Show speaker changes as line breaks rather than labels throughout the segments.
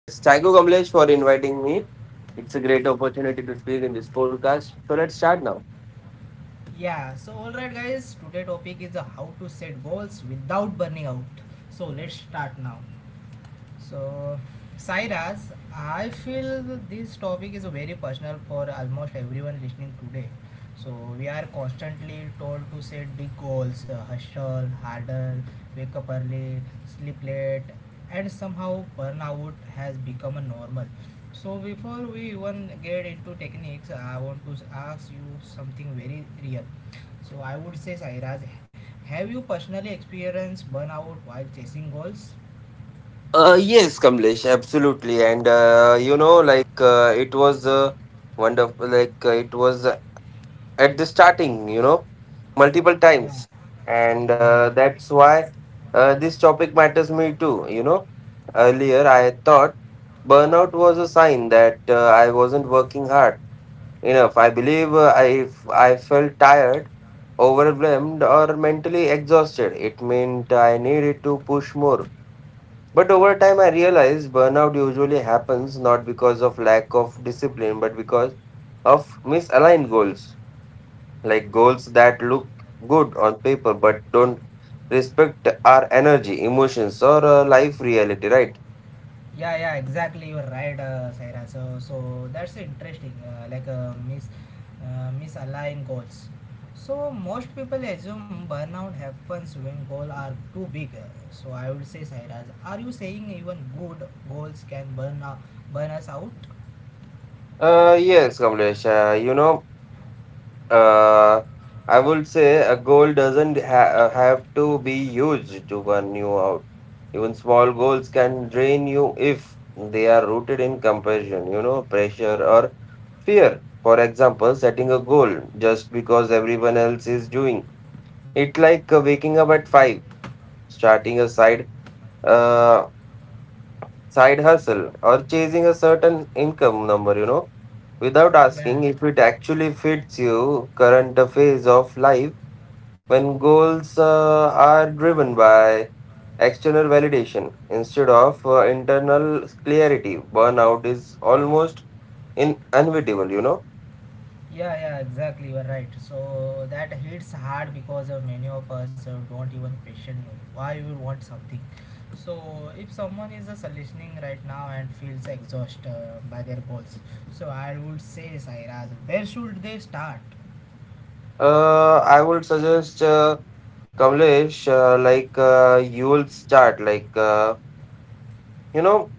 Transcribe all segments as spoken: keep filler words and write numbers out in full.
Yes, thank you, Kamlesh, for inviting me. It's a great opportunity to speak in this podcast. So let's start now.
Yeah, so alright guys, today topic is uh, how to set goals without burning out. So let's start now. So, Sairaz, I feel this topic is very personal for almost everyone listening today. So, we are constantly told to set big goals, uh, hustle harder, wake up early, sleep late, and somehow burnout has become a normal. So, before we even get into techniques, I want to ask you something very real. So, I would say, Sairaz, have you personally experienced burnout while chasing goals?
Uh, yes, Kamlesh, absolutely. And uh, you know, like uh, It was uh, wonderful. Like uh, it was uh, at the starting, you know, multiple
Yeah.
times, and
Yeah,
uh,
yeah,
that's why uh, this topic matters me too. You know, earlier I thought burnout was a sign that uh, I wasn't working hard enough. I believe uh, I if I felt tired, overwhelmed, or mentally exhausted, it meant I needed to push more. But over time, I realized burnout usually happens not because of lack of discipline, but because of misaligned goals, like goals that look good on paper but don't respect our energy, emotions, or uh, life reality. Right?
yeah, yeah. Exactly, you're right, uh, Saira. So, so that's interesting. Uh, like uh, miss, uh, misalign goals. So most people assume burnout happens when goals are too big. So I would say, Saira, are you saying even good goals can burn out, burn us out?
Uh, yes, Kamlesh. Uh, you know. Uh, I would say a goal doesn't ha- uh, have to be huge to burn you out. Even small goals can drain you if they are rooted in compassion, you know, pressure or fear. For example, setting a goal just because everyone else is doing it, like uh, waking up at five, starting a side uh, side hustle, or chasing a certain income number, you know, without
Yeah.
asking if it actually fits you current phase of life when goals uh, are driven by external validation instead of uh, internal clarity. Burnout is almost in inevitable, you know.
Yeah, yeah, exactly. You're right. So that hits hard because uh, many of us uh, don't even question why we want something. So if someone is just listening right now and feels exhausted uh, by their goals, so I would say, Sairaz, where should they start?
Uh, i would suggest, uh, kamlesh uh, like uh, you will start like uh, you know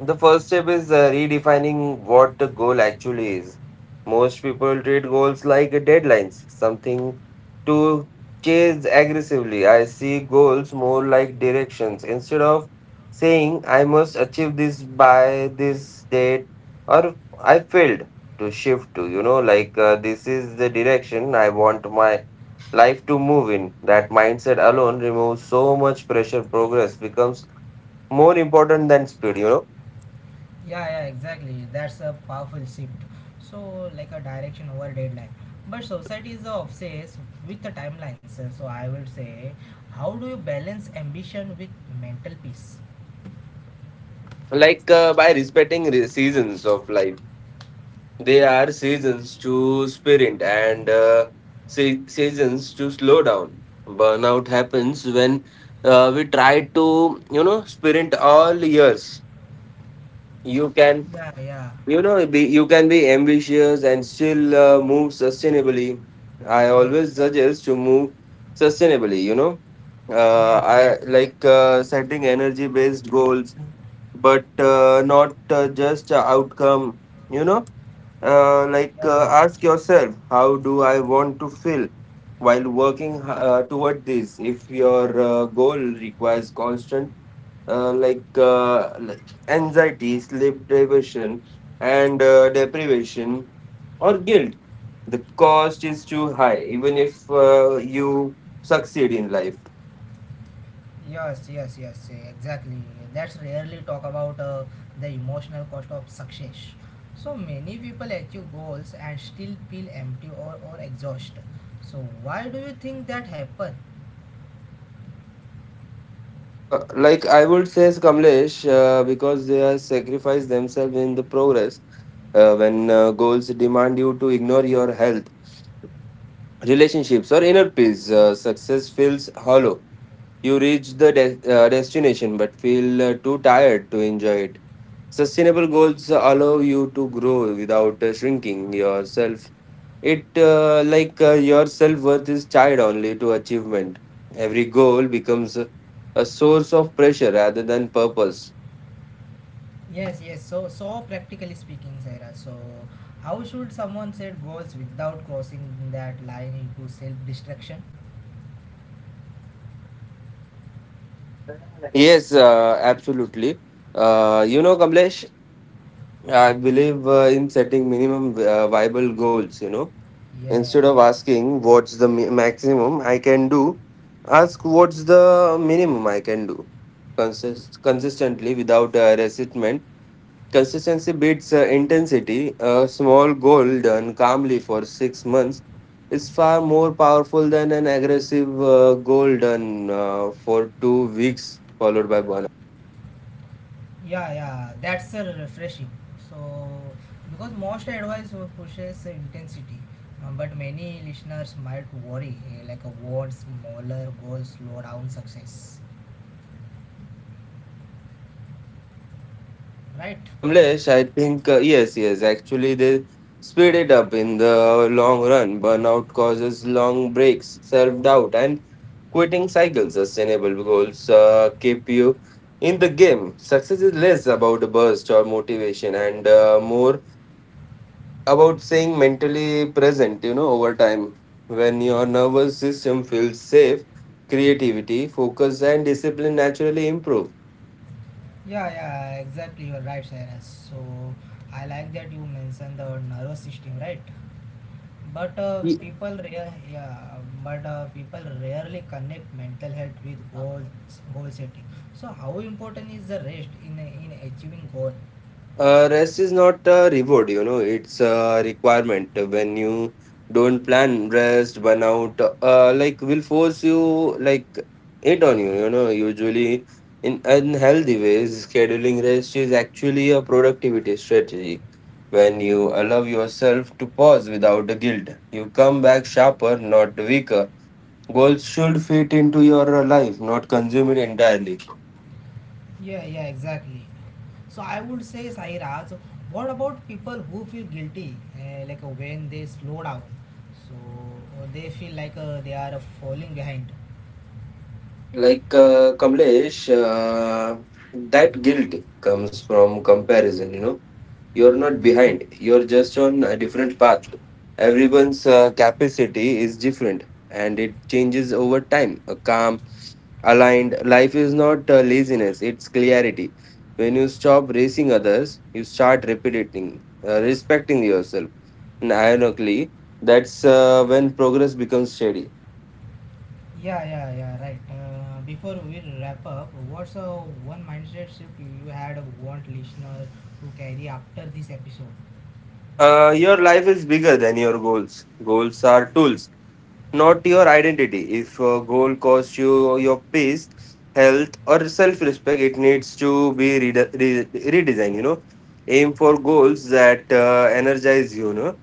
The first step is uh, redefining what the goal actually is. Most people treat goals like uh, deadlines, something to chase aggressively. I see goals more like directions. Instead of saying, "I must achieve this by this date," or "I failed," to shift to, you know, like uh, this is the direction I want my life to move in. That mindset alone removes so much pressure. Progress becomes more important than speed, you know.
Yeah, yeah, exactly. That's a powerful shift. So like a direction over deadline. But society is obsessed with the timelines. Uh, So I will say, how do you balance ambition with mental peace?
Like uh, by respecting re- seasons of life. They are seasons to sprint and uh, se- seasons to slow down. Burnout happens when uh, we try to, you know, sprint all years. You can,
Yeah, yeah.
you know, be, you can be ambitious and still uh, move sustainably. I
Like,
always suggest to move sustainably, you know.
yes,
Uh,
yes.
I like uh, setting energy based goals, but uh, not uh, just a outcome, you know. Uh, like uh,
Yeah,
ask yourself, how do I want to feel while working uh, toward this? If your uh, goal requires constant uh, like, uh, like anxiety, sleep deprivation, and uh, deprivation or guilt, the cost is too high, even if uh, you succeed in life.
yes, yes, yes, exactly. That's rarely talk about uh, the emotional cost of success. So many people achieve goals and still feel empty or, or exhausted. So why do you think that happen?
Uh, like I would say, Kamlesh, uh, because they have sacrificed themselves in the progress. Uh, when uh, goals demand you to ignore your health, relationships, or inner peace, uh, success feels hollow. You reach the de- uh, destination but feel uh, too tired to enjoy it. Sustainable goals allow you to grow without uh, shrinking yourself. It uh, like uh, Your self worth is tied only to achievement. Every goal becomes a a source of pressure rather than purpose.
Yes, yes. So, so practically speaking, Sarah. So, how should someone set goals without crossing that line into self-destruction?
Yes,
Yeah.
uh, absolutely. Uh, you know, Kamlesh, I believe uh, in setting minimum uh, viable goals. You know,
Yeah.
instead of asking what's the mi- maximum I can do, ask what's the minimum I can do Consist- consistently without uh, resentment. Consistency beats uh, intensity. A small goal done calmly for six months is far more powerful than an aggressive uh, goal done uh, for two weeks followed by burnout.
Yeah, yeah, that's uh, refreshing. So, because most advice will pushes uh, intensity, uh, but many listeners might worry, uh, like a want smaller goals slow down success, right?
Uh, Kamlesh, I think uh, yes, yes, actually, they speed it up in the long run. Burnout causes long breaks, self doubt, and quitting cycles. Sustainable goals uh, keep you in the game. Success is less about a burst or motivation and uh, more about staying mentally present. You know, over time, when your nervous system feels safe, creativity, focus, and discipline naturally improve.
Yeah, yeah, exactly. You're right, Cyrus. So, I like that you mentioned the nervous system, right? But uh, people, rea- yeah, but uh, people rarely connect mental health with goals, goal setting. So, how important is the rest in in achieving goal?
Uh, rest is not a reward, you know, it's a requirement. When you don't plan rest, burnout, uh, like will force you, like it on you, you know, usually in unhealthy ways. Scheduling rest is actually a productivity strategy. When you allow yourself to pause without the guilt, you come back sharper, not weaker. Goals should fit into your life, not consume it entirely.
Yeah, yeah, exactly. So I would say, Sairaj, what about people who feel guilty, uh, like uh, when they slow down? So uh, they feel like uh, they are uh, falling behind.
Like uh, Kamlesh, uh, that guilt comes from comparison, you know. You're not behind, you're just on a different path. Everyone's uh, capacity is different and it changes over time. A calm, aligned life is not uh, laziness, it's clarity. When you stop racing others, you start repeating, uh, respecting yourself. And ironically, that's uh, when progress becomes steady.
Yeah, yeah, yeah, right. Uh, before we wrap up, what's uh, one mindset shift you had want listener to carry after this episode?
Uh, your life is bigger than your goals. Goals are tools, not your identity. If a goal costs you your peace, health, or self respect, it needs to be rede- re- redesigned. You know, aim for goals that uh, energize you, no,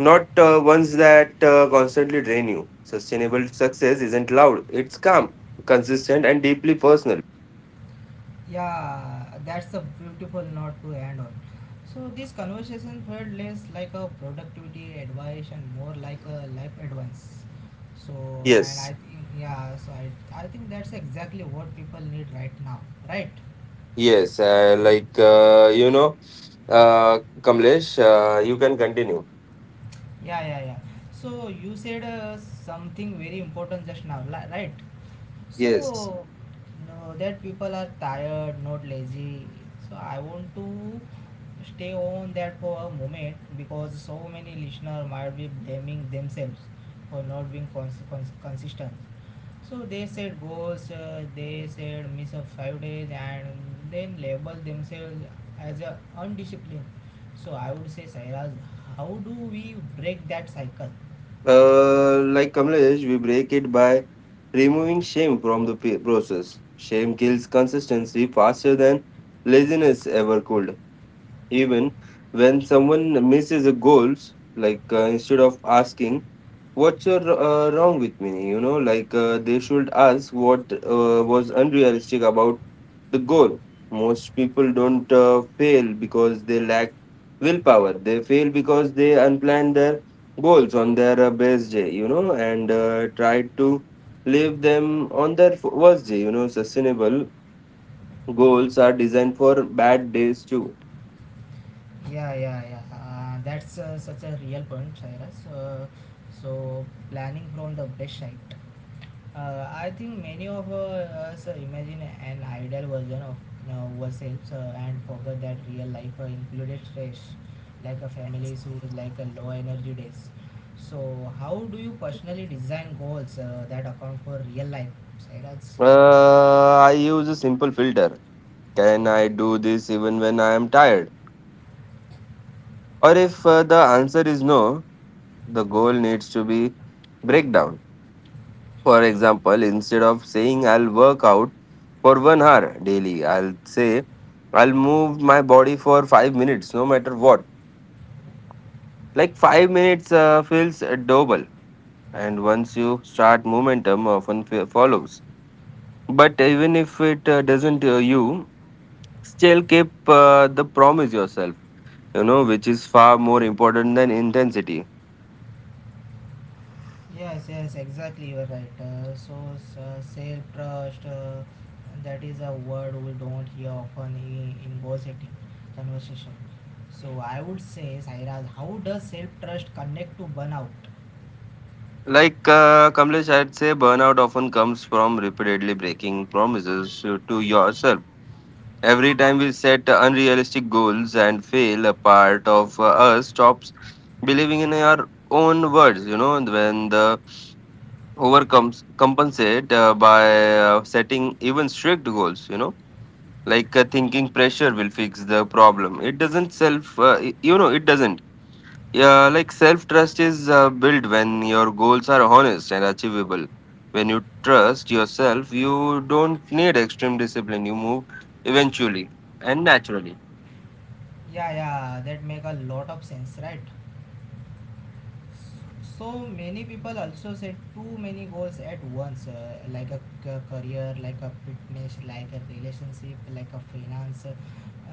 not uh, ones that uh, constantly drain you. Sustainable success isn't loud, it's calm, consistent, and deeply personal.
Yeah, that's a beautiful note to end on. So this conversation felt less like a productivity advice and more like a life advice. So and
Yes,
I think, yeah, so I I think that's exactly what people need right now, right?
yes, uh, like uh, you know, uh, Kamlesh, uh, you can continue.
Yeah, yeah, yeah. So you said uh, something very important just now, li- right?
Yes.
So, no, that people are tired, not lazy. So I want to stay on that for a moment because so many listener might be blaming themselves for not being cons- cons- consistent. So they said goals, uh, they said miss a five days, and then label themselves as a undisciplined. So I would say, Sairaj, how do we break that cycle?
Uh, like Kamlesh, we break it by removing shame from the p- process. Shame kills consistency faster than laziness ever could. Even when someone misses a goals, like uh, instead of asking, "what's uh, uh, wrong with me," you know, like uh, they should ask what uh, was unrealistic about the goal. Most people don't uh, fail because they lack willpower. They fail because they unplan their goals on their uh, best day, you know, and uh, try to leave them on their f- worst day, you know. Sustainable goals are designed for bad days too.
Yeah, yeah, yeah. Uh, that's uh, such a real point, Cyrus. Uh, so, Planning from the best site. Uh, I think many of uh, us uh, imagine an ideal version of uh, ourselves uh, and forget that real life uh, included stress, like a family issues, like a low energy days. So, how do you personally design goals uh, that account for real life, Cyrus?
Uh, i use a simple filter: can I do this even when I am tired? Or if uh, the answer is no, the goal needs to be breakdown. For example, instead of saying I'll work out for one hour daily, I'll say I'll move my body for five minutes, no matter what. Like five minutes uh, feels uh, doable, and once you start, momentum often f- follows. But even if it uh, doesn't, uh, you still keep uh, the promise yourself, you know, which is far more important than intensity.
Yes, yes, exactly. You are right. Uh, so, uh, self trust uh, that is a word we don't hear often in, in goal-setting conversation. So, I would say, Sairaj, how does self trust connect to burnout?
Like uh, Kamlesh, I'd say burnout often comes from repeatedly breaking promises to yourself. Every time we set unrealistic goals and fail, a part of uh, us stops believing in our own words. You know, and when the overcomes compensate uh, by uh, setting even strict goals. You know, like uh, thinking pressure will fix the problem. It doesn't self. Uh, y- you know, it doesn't. Yeah, like self trust is uh, built when your goals are honest and achievable. When you trust yourself, you don't need extreme discipline. You move eventually and naturally.
Yeah, yeah, that make a lot of sense, right? So many people also set too many goals at once, uh, like a c- career, like a fitness, like a relationship, like a finance, uh,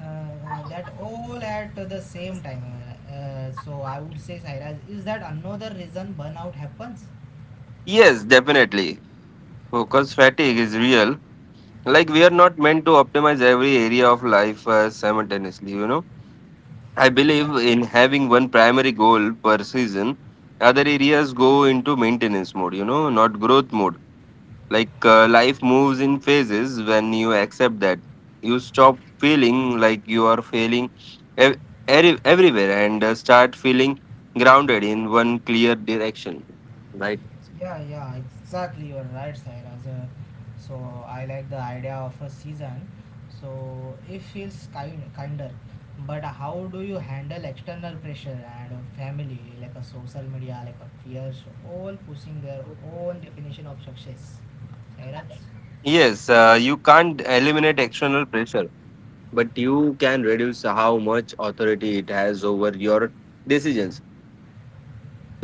uh, that all at the same time. Uh, uh, so I would say, Sairaj, is that another reason burnout happens?
Yes, definitely. Focus fatigue is real. Like, we are not meant to optimize every area of life uh, simultaneously, you know. I believe in having one primary goal per season, other areas go into maintenance mode, you know, not growth mode. Like uh, life moves in phases. When you accept that, you stop feeling like you are failing ev- eri- everywhere and uh, start feeling grounded in one clear direction, right?
Yeah, yeah, exactly. You're right, Sairaj. Uh, so I like the idea of a season. So it feels kind kinder. But how do you handle external pressure and a family, like a social media, like a peers, all pushing their own definition of success? Sairaj?
Yes, uh, you can't eliminate external pressure, but you can reduce how much authority it has over your decisions.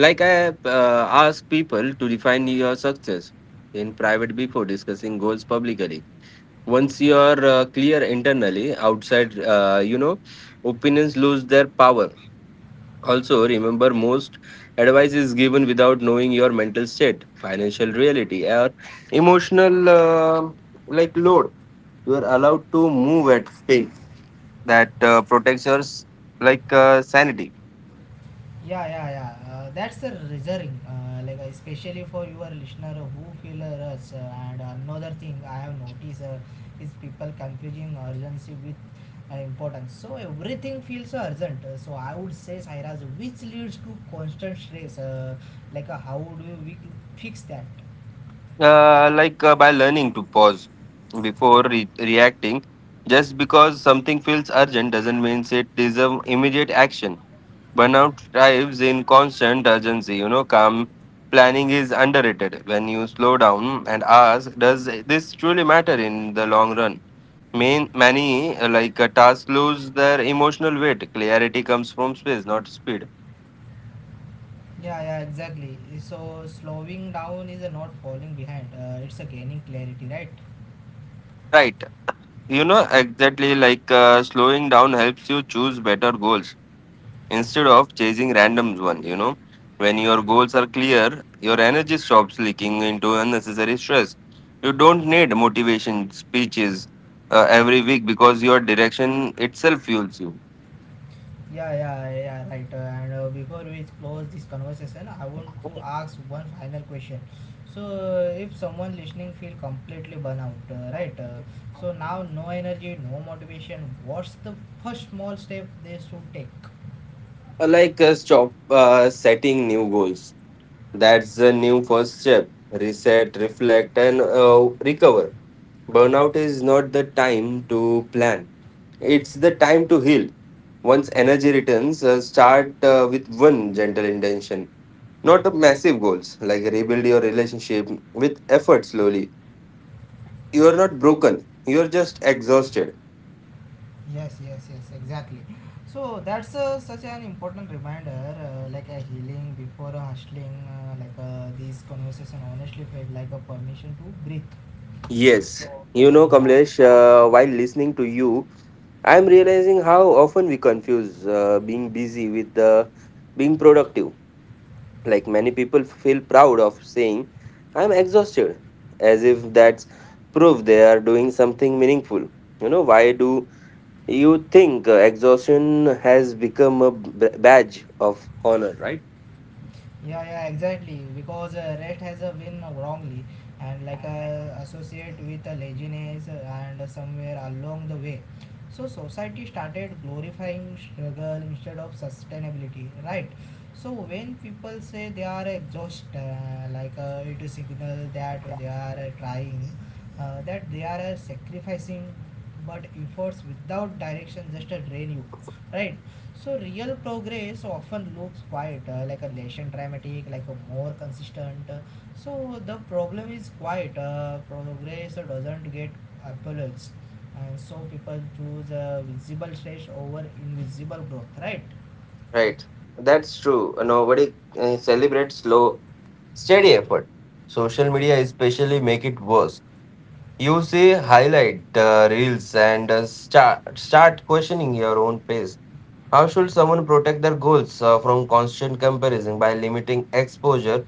Like i uh, ask people to define your success in private before discussing goals publicly. Once you are uh, clear internally, outside, uh, you know, opinions lose their power. Also, remember most advice is given without knowing your mental state, financial reality, or emotional uh, like load. You are allowed to move at pace that uh, protects your s- like uh, sanity.
Yeah, yeah, yeah. Uh, that's the reserving, uh, like uh, especially for your listener who feel a rush. Uh, and another thing I have noticed uh, is people confusing urgency with uh, importance. So everything feels urgent. Uh, So I would say, Sairaj, which leads to constant stress. Uh, like uh, how do we fix that?
Uh, like uh, by learning to pause before re- reacting. Just because something feels urgent doesn't mean it deserves immediate action. Burnout thrives in constant urgency. You know, calm planning is underrated. When you slow down and ask, does this truly matter in the long run? Main, many uh, like uh, tasks lose their emotional weight. Clarity comes from space, not speed.
Yeah, yeah, exactly. So slowing down is uh, not falling behind. Uh, it's a gaining clarity, right?
Right. You know, exactly, like uh, slowing down helps you choose better goals instead of chasing random one, you know. When your goals are clear, your energy stops leaking into unnecessary stress. You don't need motivation speeches uh, every week because your direction itself fuels you.
Yeah, yeah, yeah, right. Uh, and uh, Before we close this conversation, I want to ask one final question. So, uh, if someone listening feel completely burnout, uh, right? Uh, so now no energy, no motivation. What's the first small step they should take?
Uh, Like uh, stop uh, setting new goals. That's the new first step. Reset, reflect, and uh, recover. Burnout is not the time to plan, it's the time to heal. Once energy returns, uh, start uh, with one gentle intention, not a massive goals. Like rebuild your relationship with effort slowly. You are not broken, you are just exhausted.
Yes, yes, yes, exactly. So that's uh, such an important reminder, uh, like a healing before a hustling. Uh, like uh, this conversation honestly felt like a permission to breathe.
Yes,
So,
you know,
yeah.
Kamlesh, uh, while listening to you, I'm realizing how often we confuse uh, being busy with uh, being productive. Like many people feel proud of saying, "I'm exhausted," as if that's proof they are doing something meaningful. You know, why do you think uh, exhaustion has become a b- badge of honor, right?
Yeah, yeah, exactly. Because uh, rest has a win wrongly and like uh, associate with uh, laziness uh, and uh, somewhere along the way. So society started glorifying struggle instead of sustainability, right? So when people say they are exhausted, uh, like uh, it is signal that they are uh, trying, uh, that they are uh, sacrificing, but efforts without direction just uh, drain you, right? So real progress often looks quite uh, like a less dramatic, like a more consistent. So the problem is quite uh, progress doesn't get acknowledged, and so people choose uh, visible stress over invisible growth, right?
Right, that's true. Nobody uh, celebrates slow steady effort. Social media especially make it worse. You see highlight uh, reels and uh, start start questioning your own pace. How should someone protect their goals uh, from constant comparison by limiting exposure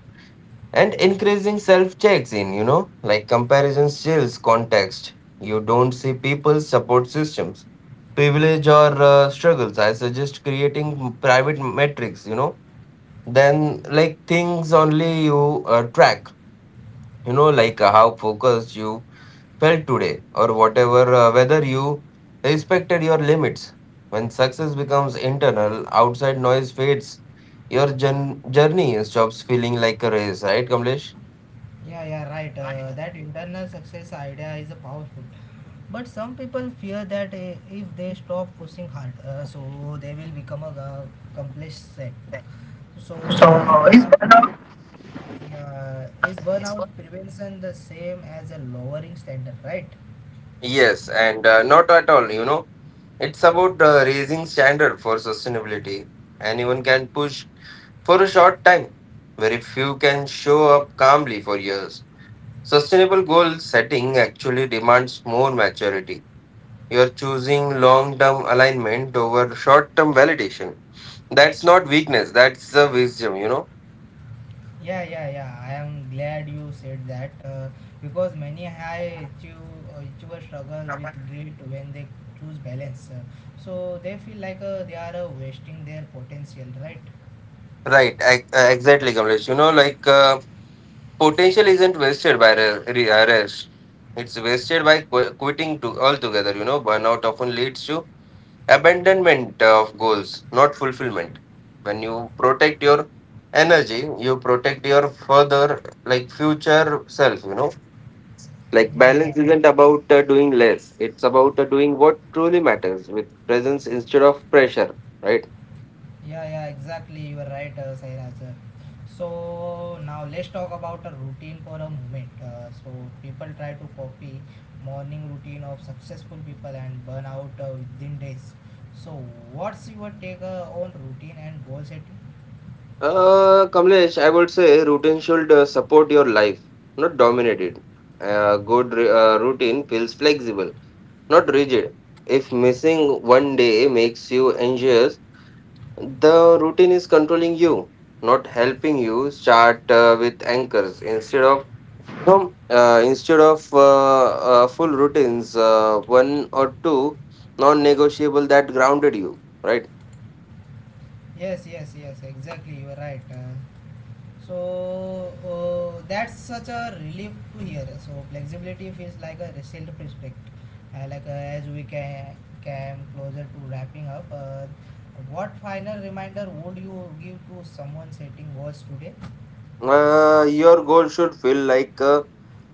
and increasing self checks in, you know, like comparison steals context. You don't see people's support systems, privilege or uh, struggles. I suggest creating private metrics, you know, then like things only you uh, track, you know, like uh, how focused you felt today, or whatever uh, whether you respected your limits. When success becomes internal, outside noise fades, your jour- journey stops feeling like a race, right, Kamlesh?
Yeah, yeah, right. Uh, that internal success idea is a powerful. But some people fear that uh, if they stop pushing hard, uh, so they will become a uh, complacent. So is burnout Yeah, is burnout prevention the same as a lowering standard, right?
Yes and uh, not at all, you know, it's about uh, raising standard for sustainability. Anyone can push for a short time, very few can show up calmly for years. Sustainable goal setting actually demands more maturity. You're choosing long term alignment over short term validation. That's not weakness, that's uh, wisdom, you know?
Yeah, yeah, yeah. I am glad you said that uh, because many high achiev- achievers struggle with guilt when they choose balance. Uh, so they feel like uh, they are uh, wasting their potential, right?
Right, ex- uh, exactly, Kamlesh. You know, like uh, potential isn't wasted by re- re- uh, rest, it's wasted by qu- quitting to- altogether, you know? Burnout often leads to abandonment of goals, not fulfillment. When you protect your energy, you protect your further, like future self, you know? Like
Yeah, yeah.
balance isn't about uh, doing less. It's about uh, doing what truly matters with presence instead of pressure, right?
Yeah, yeah, exactly. You are right, uh, Sairaj. So now let's talk about a routine for a moment. Uh, so people try to copy morning routine of successful people and burn out uh, within days. So what's your take uh, on routine and goal setting?
Uh, Kamlesh, I would say routine should uh, support your life, not dominate it. A good ru- uh, routine feels flexible, not rigid. If missing one day makes you anxious, the routine is controlling you, not helping you. Start uh, with anchors instead of. So, uh, instead of uh, uh, full routines, uh, one or two non negotiable that grounded you, right?
Yes, yes, yes, exactly. You are right. Uh, So uh, that's such a relief to hear. So flexibility feels like a self-respect. Uh, like uh, as we ca- came closer to wrapping up, uh, what final reminder would you give to someone setting goals today?
Uh, your goal should feel like a,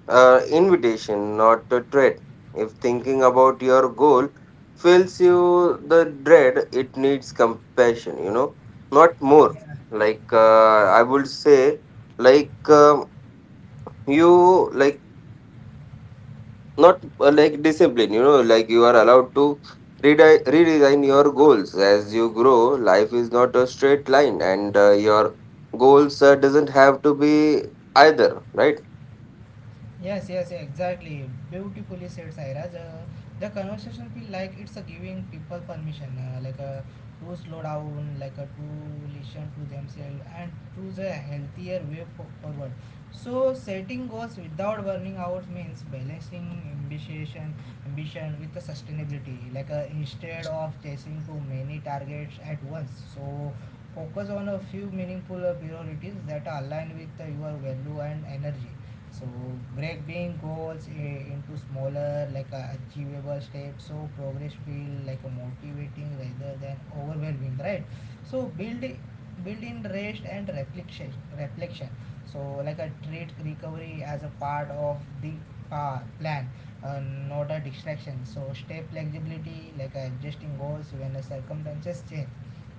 uh, invitation, not a threat. If thinking about your goal fills you the dread, it needs compassion, you know, not more. Like, uh, I would say, like, uh, you, like, not uh, like discipline, you know, like you are allowed to redi- redesign your goals as you grow. Life is not a straight line, and uh, your goals uh, doesn't have to be either, right?
Yes, yes, exactly. Beautifully said, Sairaj. Uh, the conversation feel like it's a giving people permission, uh, like uh, to slow down, like uh, to listen to themselves, and choose a healthier way fo- forward. So, setting goals without burning out means balancing ambition, ambition with the sustainability. Like uh, instead of chasing too many targets at once, so focus on a few meaningful uh, priorities that align with uh, your value and energy, so breaking goals into smaller, like uh, achievable steps so progress feel like a motivating rather than overwhelming, right? So build build in rest and reflection reflection. So like a treat recovery as a part of the pa- plan, uh, not a distraction. So stay flexibility like adjusting goals when the circumstances change,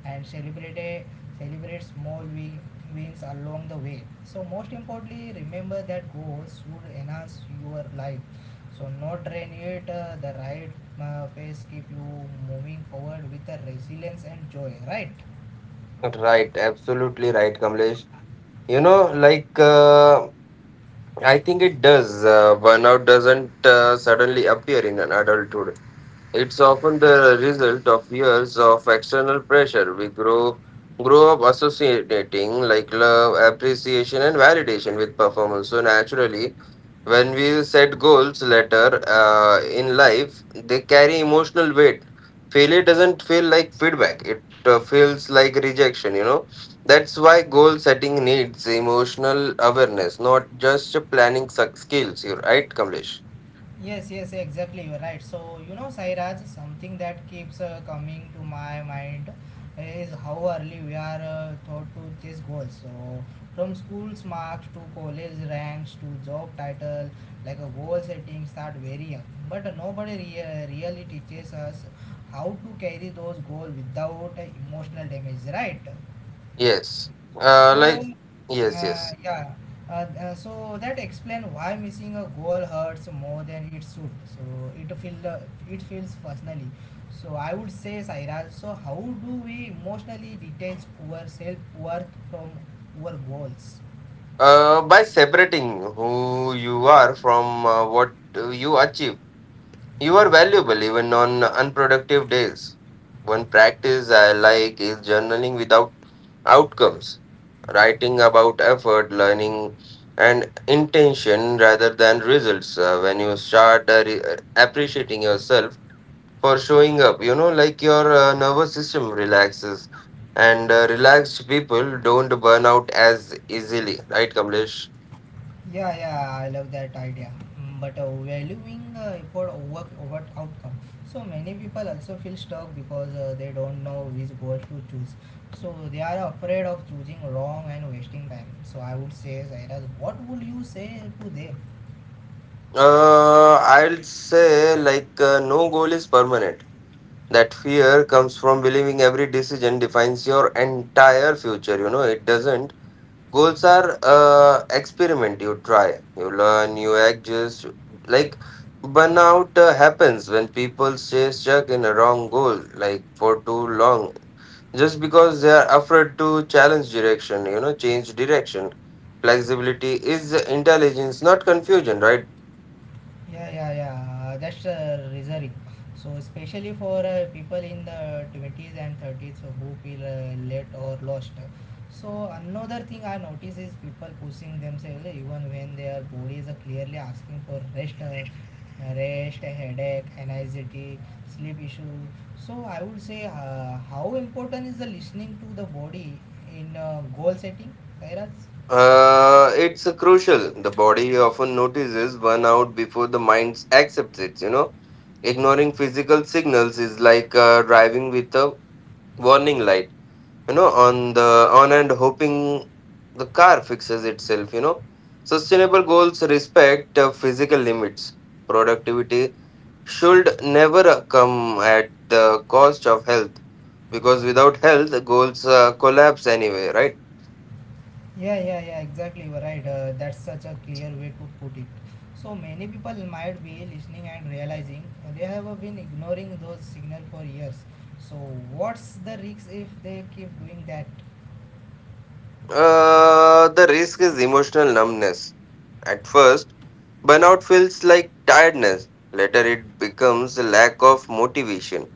and celebrate celebrate small win, wins along the way. So most importantly, remember that goals should enhance your life. So not drain it. Uh, the right uh, pace keep you moving forward with the resilience and joy. Right.
Right, absolutely right, Kamlesh. You know, like uh, I think it does uh, burnout doesn't uh, suddenly appear in an adulthood. It's often the result of years of external pressure. We grow grow up associating like love, appreciation, and validation with performance. So naturally, when we set goals later uh, in life, they carry emotional weight. Failure doesn't feel like feedback; it uh, feels like rejection. You know, that's why goal setting needs emotional awareness, not just planning suc- skills. You're right, Kamlesh.
Yes, yes, exactly. You're right. So, you know, Sairaj, something that keeps uh, coming to my mind is how early we are uh, taught to chase goals. So, from school's marks to college ranks to job title, like a goal setting start very young. But nobody rea- really teaches us how to carry those goals without uh, emotional damage, right?
Yes. Uh,
So,
like yes,
uh,
yes.
yeah, uh, uh, so that explain why missing a goal hurts more than it should. So it feel uh, it feels personally. So I would say, Saira. So how do we emotionally detach ourself worth from our goals?
Uh, by separating who you are from uh, what uh, you achieve, you are valuable even on unproductive days. One practice I like is journaling without outcomes, writing about effort, learning, and intention rather than results. Uh, when you start uh, re- uh, appreciating yourself for showing up, you know, like your uh, nervous system relaxes, and uh, relaxed people don't burn out as easily, right, Kamlesh?
Yeah, yeah, I love that idea. Mm, But uh, valuing uh, effort over, over outcome. So many people also feel stuck because uh, they don't know which goals to choose. So they are afraid of choosing wrong and wasting time. So I would say, Zairaj, what would you say to them?
Uh, I'll say like uh, no goal is permanent. That fear comes from believing every decision defines your entire future. You know, it doesn't. Goals are uh, experiment. You try, you learn, you adjust. Like burnout uh, happens when people stay stuck in a wrong goal like for too long, just because they are afraid to challenge direction. You know, change direction. Flexibility is intelligence, not confusion, right?
Yeah, yeah, yeah. That's uh, reserving. So especially for uh, people in the twenties and thirties who feel uh, late or lost. So another thing I notice is people pushing themselves eh, even when their body is clearly asking for rest, uh, rest, headache, anxiety, sleep issue. So I would say uh, how important is the listening to the body in uh, goal setting, Sairaj?
Uh, it's uh, crucial. The body often notices burnout before the mind accepts it, you know. Ignoring physical signals is like uh, driving with a warning light, you know, on the on, and hoping the car fixes itself, you know. Sustainable goals respect uh, physical limits. Productivity should never uh, come at the cost of health, because without health, goals uh, collapse anyway, right?
Yeah, yeah, yeah, exactly. You're right. Uh, that's such a clear way to put it. So many people might be listening and realizing they have uh, been ignoring those signals for years. So what's the risk if they keep doing that?
Uh, the risk is emotional numbness. At first, burnout feels like tiredness. Later, it becomes a lack of motivation,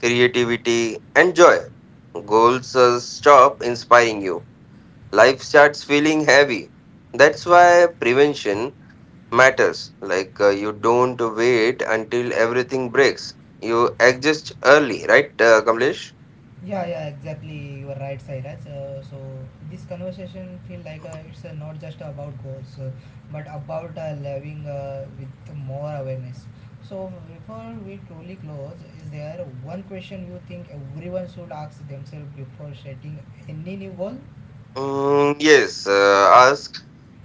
creativity, and joy. Goals uh, stop inspiring you. Life starts feeling heavy. That's why prevention matters. Like, uh, you don't wait until everything breaks, you adjust early, right, uh, Kamlesh?
Yeah, yeah, exactly. You are right, Sairaj. Uh, so this conversation feel like uh, it's uh, not just about goals, uh, but about uh, living uh, with more awareness. So before we truly close, is there one question you think everyone should ask themselves before setting any new goal?
Mm, yes, uh, ask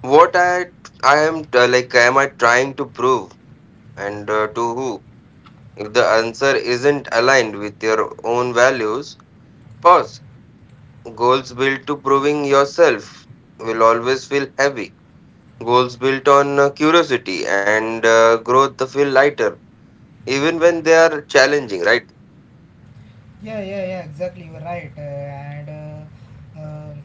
what I I am uh, like am I trying to prove and uh, to who? If the answer isn't aligned with your own values, pause. Goals built to proving yourself will always feel heavy. Goals built on uh, curiosity and uh, growth feel lighter, even when they are challenging, right?
Yeah, yeah, yeah, exactly. You're right. Uh, and uh, um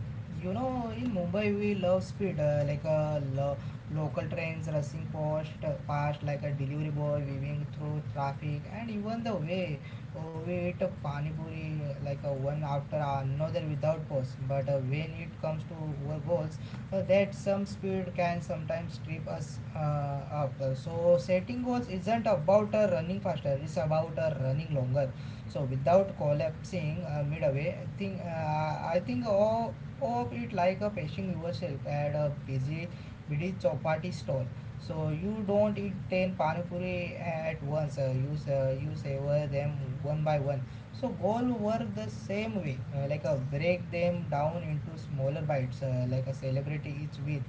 You know, in Mumbai, we love speed, uh, like uh, lo- local trains rushing past, uh, past like a delivery boy weaving through traffic, and even the way uh, we eat a pani puri uh, like uh, one after another without pause. But uh, when it comes to our goals, uh, that some speed can sometimes trip us uh, up. So setting goals isn't about uh, running faster; it's about uh, running longer so without collapsing uh, midway, I think uh, I think of, of it like a pacing yourself at a busy busy chapati stall. So you don't eat ten pani puri at once. Uh, you sa- you savor them one by one. So goal work the same way, uh, like a break them down into smaller bites, uh, like a celebrity each with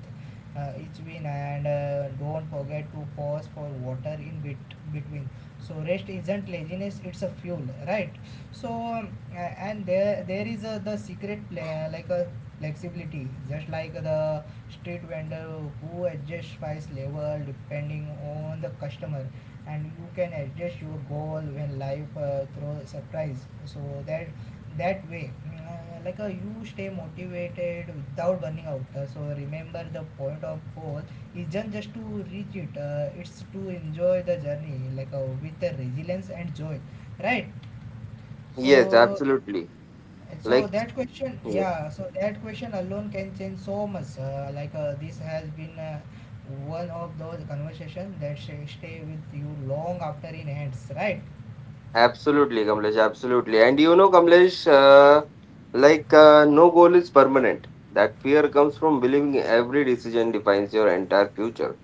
uh, each win, and uh, don't forget to pause for water in bit between, so rest isn't laziness, it's a fuel, right? So um, a- and there there is a, the secret pla- like a flexibility, just like the street vendor who adjusts price level depending on the customer, and you can adjust your goal when life uh, throw surprise, so that that way uh, like uh, you stay motivated without burning out. Uh, so remember the point of growth, it's not just to reach it, uh, it's to enjoy the journey like uh, with the resilience and joy, right?
Yes,
So,
absolutely.
so
Like,
that question,
yeah.
yeah, so that question alone can change so much. Uh, like uh, this has been uh, one of those conversations that sh- stay with you long after it ends, right?
Absolutely, Kamlesh. Absolutely. And you know, Kamlesh, uh, like uh, no goal is permanent. That fear comes from believing every decision defines your entire future.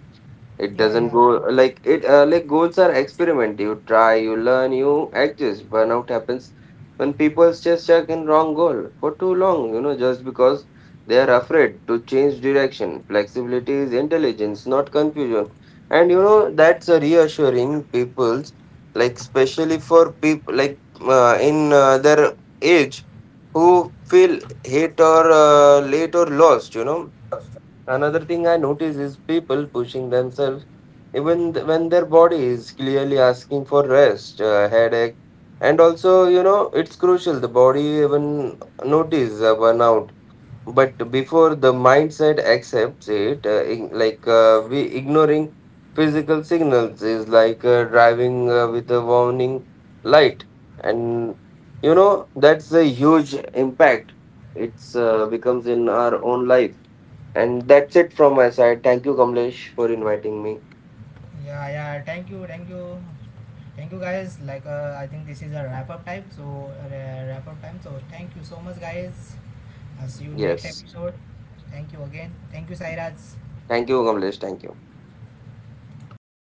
It
Yeah,
doesn't
yeah.
go like it. Uh, like goals are experiment. You try, you learn, you adjust. Burnout happens when people just stuck in wrong goal for too long. You know, just because they are afraid to change direction. Flexibility is intelligence, not confusion. And you know that's a reassuring people's, like especially for people like uh, in uh, their age, who feel hate or uh, late or lost. You know, another thing I notice is people pushing themselves even th- when their body is clearly asking for rest, uh, headache, and also, you know, it's crucial the body even notice uh, burnout. But before the mindset accepts it, uh, ig- like uh, we ignoring physical signals is like uh, driving uh, with a warning light, and you know that's a huge impact. It's uh, becomes in our own life. And that's it from my side. Thank you, Kamlesh, for inviting me.
Yeah, yeah. Thank you, thank you, thank you, guys. Like, uh, I think this is a wrap up time. So, uh, wrap up time. So, thank you so much, guys. I'll see you next
Yes.
episode. Thank you again. Thank you, Sairaj.
Thank you, Kamlesh. Thank you.